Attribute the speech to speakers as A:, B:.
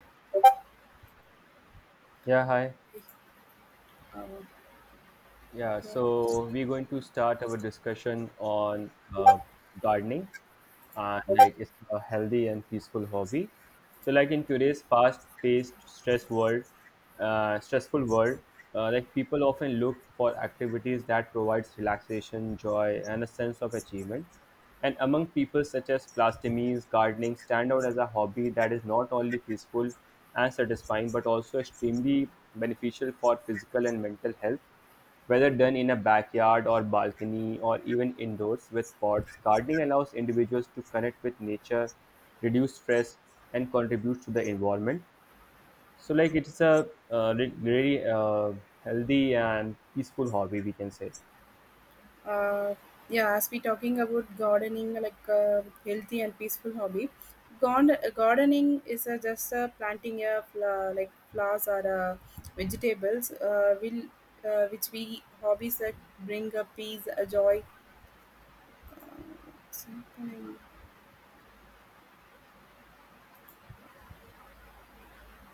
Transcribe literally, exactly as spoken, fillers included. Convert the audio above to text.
A: Yeah, hi. Yeah, so we're going to start our discussion on uh, gardening, and like it's a healthy and peaceful hobby. So like in today's fast-paced, stress world, uh, stressful world, uh, like people often look for activities that provides relaxation, joy, and a sense of achievement. And among people such as plastomies, gardening stand out as a hobby that is not only peaceful and satisfying but also extremely beneficial for physical and mental health, whether done in a backyard or balcony or even indoors with pots, gardening allows individuals to connect with nature, reduce stress, and contribute to the environment. So, like, it's a uh, re- really uh, healthy and peaceful hobby, we can say.
B: uh, yeah, as we talking about gardening like a healthy and peaceful hobby. Gond- gardening is a, just a planting a fla- like flowers or uh, vegetables uh, will uh, which we hobbies that bring a peace a joy something.